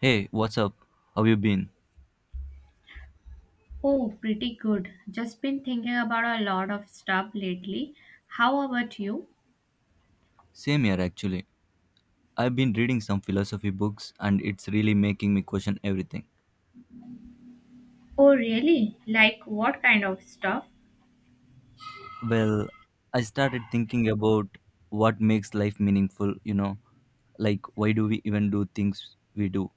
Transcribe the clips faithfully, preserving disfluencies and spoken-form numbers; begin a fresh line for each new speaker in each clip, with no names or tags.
Hey, what's up? How you been?
Oh, pretty good. Just been thinking about a lot of stuff lately. How about you?
Same here actually. I've been reading some philosophy books and it's really making me question everything.
Oh, really? Like what kind of stuff?
Well, I started thinking about what makes life meaningful, you know, like why do we even do things we do,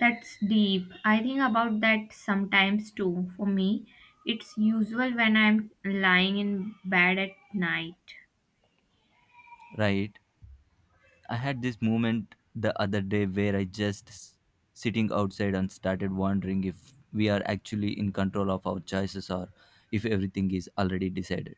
That's deep. I think about that sometimes too. For me, it's usual when I'm lying in bed at night.
right? I had this moment the other day where I just s- sitting outside and started wondering if we are actually in control of our choices or if everything is already decided.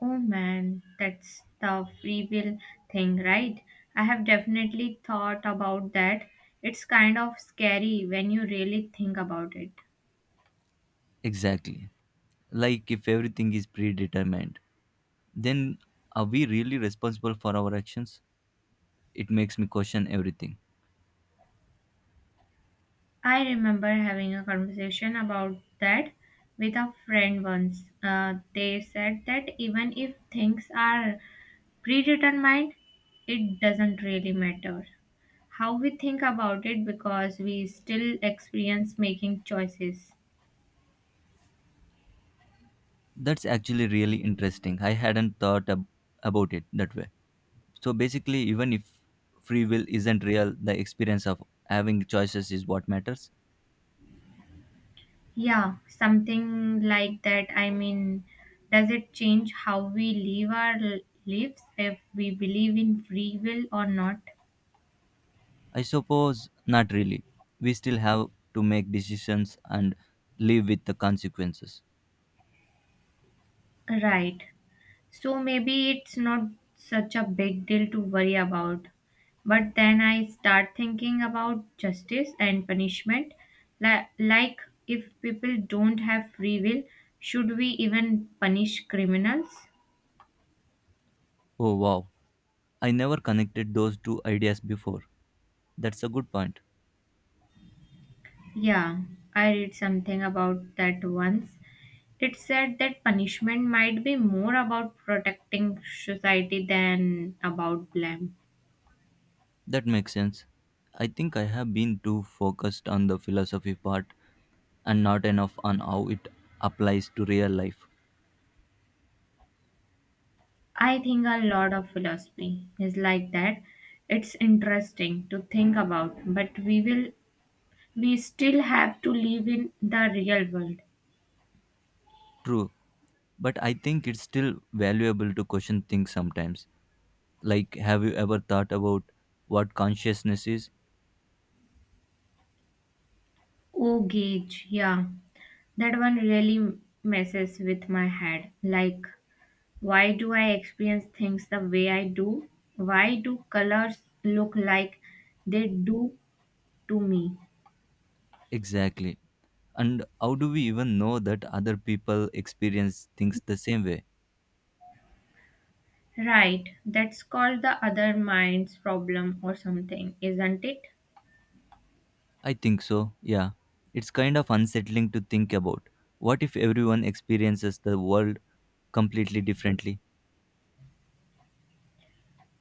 Oh man, that's the free will thing, right? I have definitely thought about that. It's kind of scary when you really think about it.
Exactly. Like if everything is predetermined, then are we really responsible for our actions? It makes me question everything.
I remember having a conversation about that with a friend once. Uh, they said that even if things are predetermined, it doesn't really matter how we think about it because we still experience making choices.
That's actually really interesting. I hadn't thought ab- about it that way. So basically, even if free will isn't real, the experience of having choices is what matters.
Yeah, something like that. I mean, does it change how we live our lives if we believe in free will or not?
I suppose not really. We still have to make decisions and live with the consequences.
Right. So maybe it's not such a big deal to worry about. But then I start thinking about justice and punishment. Li- Like, if people don't have free will, should we even punish criminals?
Oh wow, I never connected those two ideas before. That's a good point.
Yeah, I read something about that once. It said that punishment might be more about protecting society than about blame.
That makes sense. I think I have been too focused on the philosophy part and not enough on how it applies to real life.
I think a lot of philosophy is like that. It's interesting to think about, but we will we still have to live in the real world.
True, but I think it's still valuable to question things sometimes. Like, have you ever thought about what consciousness is?
Oh gauge, yeah. That one really messes with my head. Like why do I experience things the way I do? Why do colors look like they do to me?
Exactly. And how do we even know that other people experience things the same way?
Right. That's called the other mind's problem or something, isn't it?
I think so, yeah. It's kind of unsettling to think about. What if everyone experiences the world completely differently?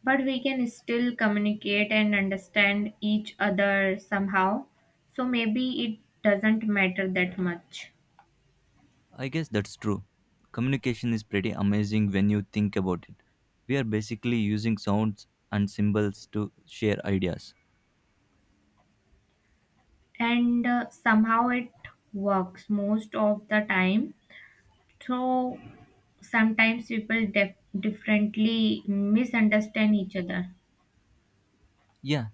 But we can still communicate and understand each other somehow, so maybe it doesn't matter that much.
I guess that's true. Communication is pretty amazing when you think about it. We are basically using sounds and symbols to share ideas.
And uh, somehow it works most of the time, so sometimes people def- differently misunderstand each other.
Yeah,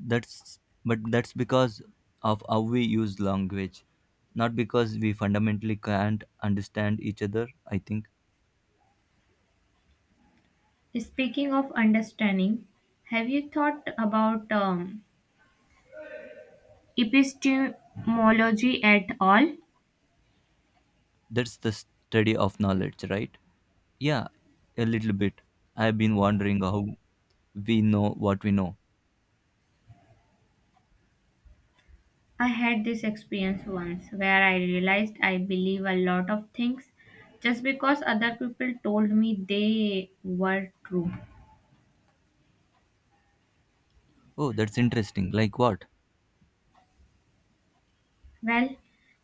that's but that's because of how we use language, not because we fundamentally can't understand each other, I think.
Speaking of understanding, have you thought about um, epistemology at all?
That's the study of knowledge, right? Yeah, a little bit. I've been wondering how we know what we know.
I had this experience once where I realized I believe a lot of things just because other people told me they were true.
Oh, that's interesting. Like what?
Well,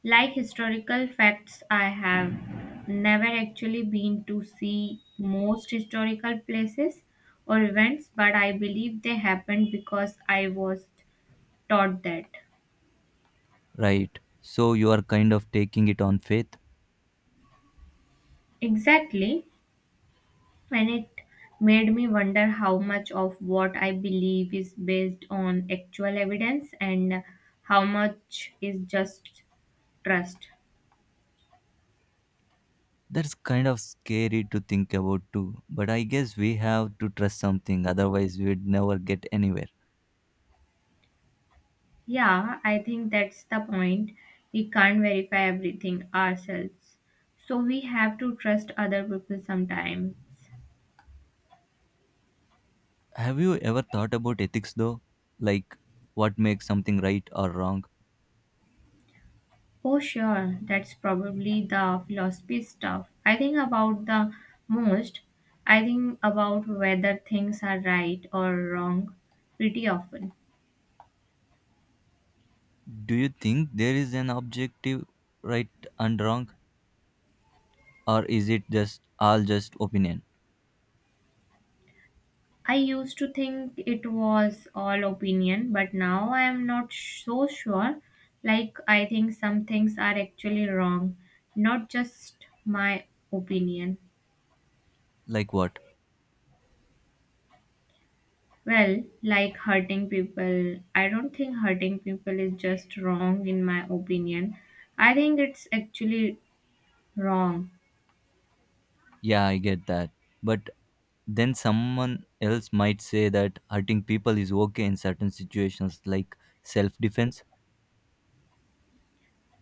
like historical facts, I have never actually been to see most historical places or events, but I believe they happened because I was taught that.
Right. So you are kind of taking it on faith.
Exactly. And it made me wonder how much of what I believe is based on actual evidence and how much is just trust.
That's kind of scary to think about too. But I guess we have to trust something, otherwise, we'd never get anywhere.
Yeah, I think that's the point. We can't verify everything ourselves, so we have to trust other people sometimes.
Have you ever thought about ethics though? Like what makes something right or wrong?
Oh, sure, that's probably the philosophy stuff I think about the most. I think about whether things are right or wrong pretty often.
Do you think there is an objective right and wrong? Or is it just all just opinion?
I used to think it was all opinion, but now I am not so sure. Like, I think some things are actually wrong, not just my opinion.
Like what?
Well, like hurting people, I don't think hurting people is just wrong, in my opinion. I think it's actually wrong.
Yeah, I get that. But then someone else might say that hurting people is okay in certain situations like self defense.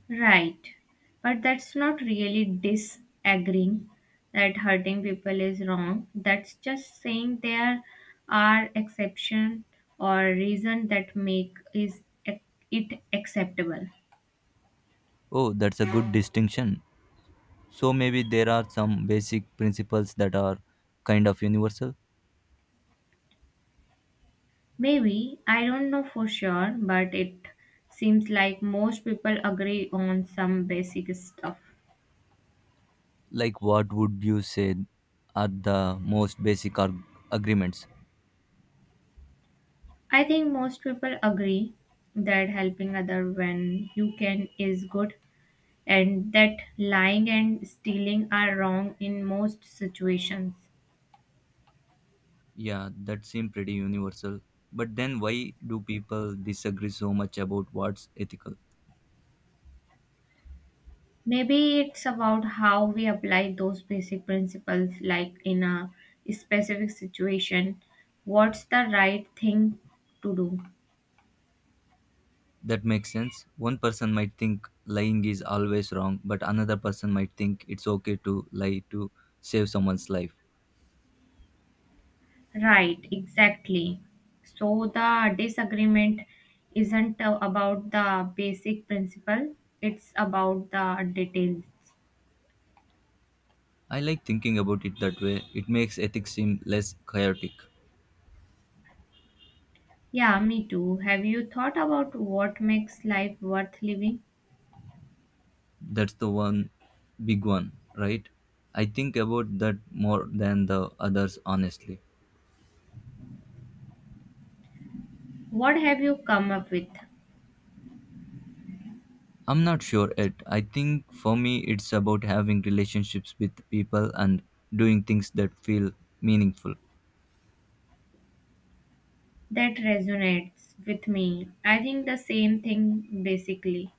Right. But that's not really disagreeing that hurting people is wrong. That's just saying there are exceptions or reason that make is ac- it acceptable.
Oh, that's a good distinction. So maybe there are some basic principles that are kind of universal.
Maybe, I don't know for sure, but it seems like most people agree on some basic stuff.
Like, what would you say are the most basic arg- agreements?
I think most people agree that helping other when you can is good, and that lying and stealing are wrong in most situations.
Yeah, that seem pretty universal, but then why do people disagree so much about what's ethical?
Maybe it's about how we apply those basic principles, like in a specific situation, what's the right thing to do?
That makes sense. One person might think lying is always wrong, but another person might think it's okay to lie to save someone's life.
Right, exactly. So the disagreement isn't uh, about the basic principle, it's about the details.
I like thinking about it that way. It makes ethics seem less chaotic.
Yeah, me too. Have you thought about what makes life worth living?
That's the one big one, right? I think about that more than the others, honestly.
What have you come up with
I'm not sure yet. I think for me, it's about having relationships with people and doing things that feel meaningful.
that resonates with me? I think the same thing basically.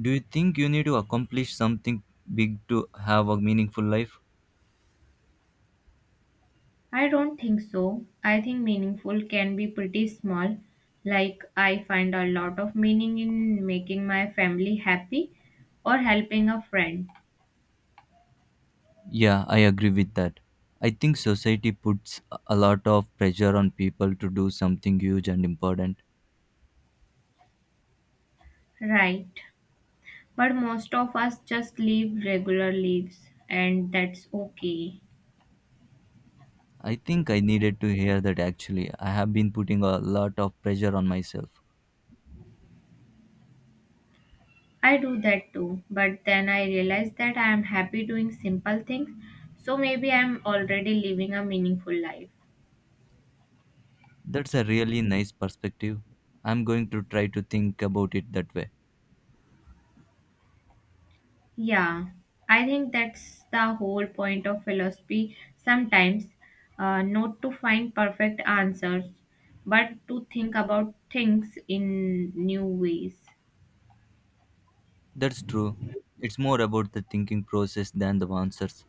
Do you think you need to accomplish something big to have a meaningful life?
I don't think so. I think meaningful can be pretty small. Like, I find a lot of meaning in making my family happy or helping a friend.
Yeah, I agree with that. I think society puts a a lot of pressure on people to do something huge and important.
Right. But most of us just live regular lives, and that's okay.
I think I needed to hear that actually. I have been putting a lot of pressure on myself.
I do that too, but then I realize that I am happy doing simple things, so maybe I am already living a meaningful life.
That's a really nice perspective. I'm going to try to think about it that way.
Yeah, I think that's the whole point of philosophy sometimes, uh, not to find perfect answers, but to think about things in new ways.
That's true. It's more about the thinking process than the answers.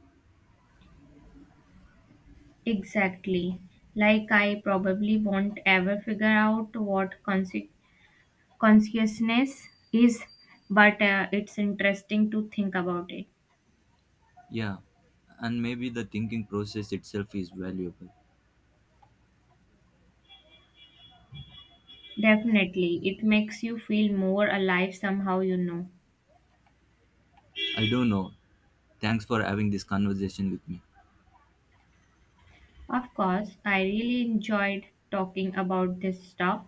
Exactly. Like, I probably won't ever figure out what consequences. Consciousness is, but uh, it's interesting to think about it.
Yeah, and maybe the thinking process itself is valuable.
Definitely, it makes you feel more alive somehow, you know
I don't know. Thanks for having this conversation with me.
of course, I really enjoyed talking about this stuff.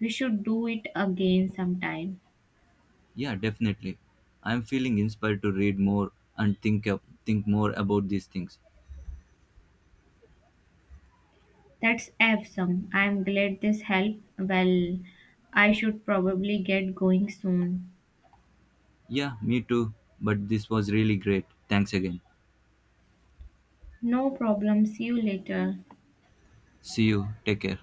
We should do it again sometime.
Yeah, definitely. I'm feeling inspired to read more and think up, think more about these things.
That's awesome, I'm glad this helped. Well, I should probably get going soon.
Yeah, me too. But this was really great. Thanks again.
No problem, see you later.
See you. Take care.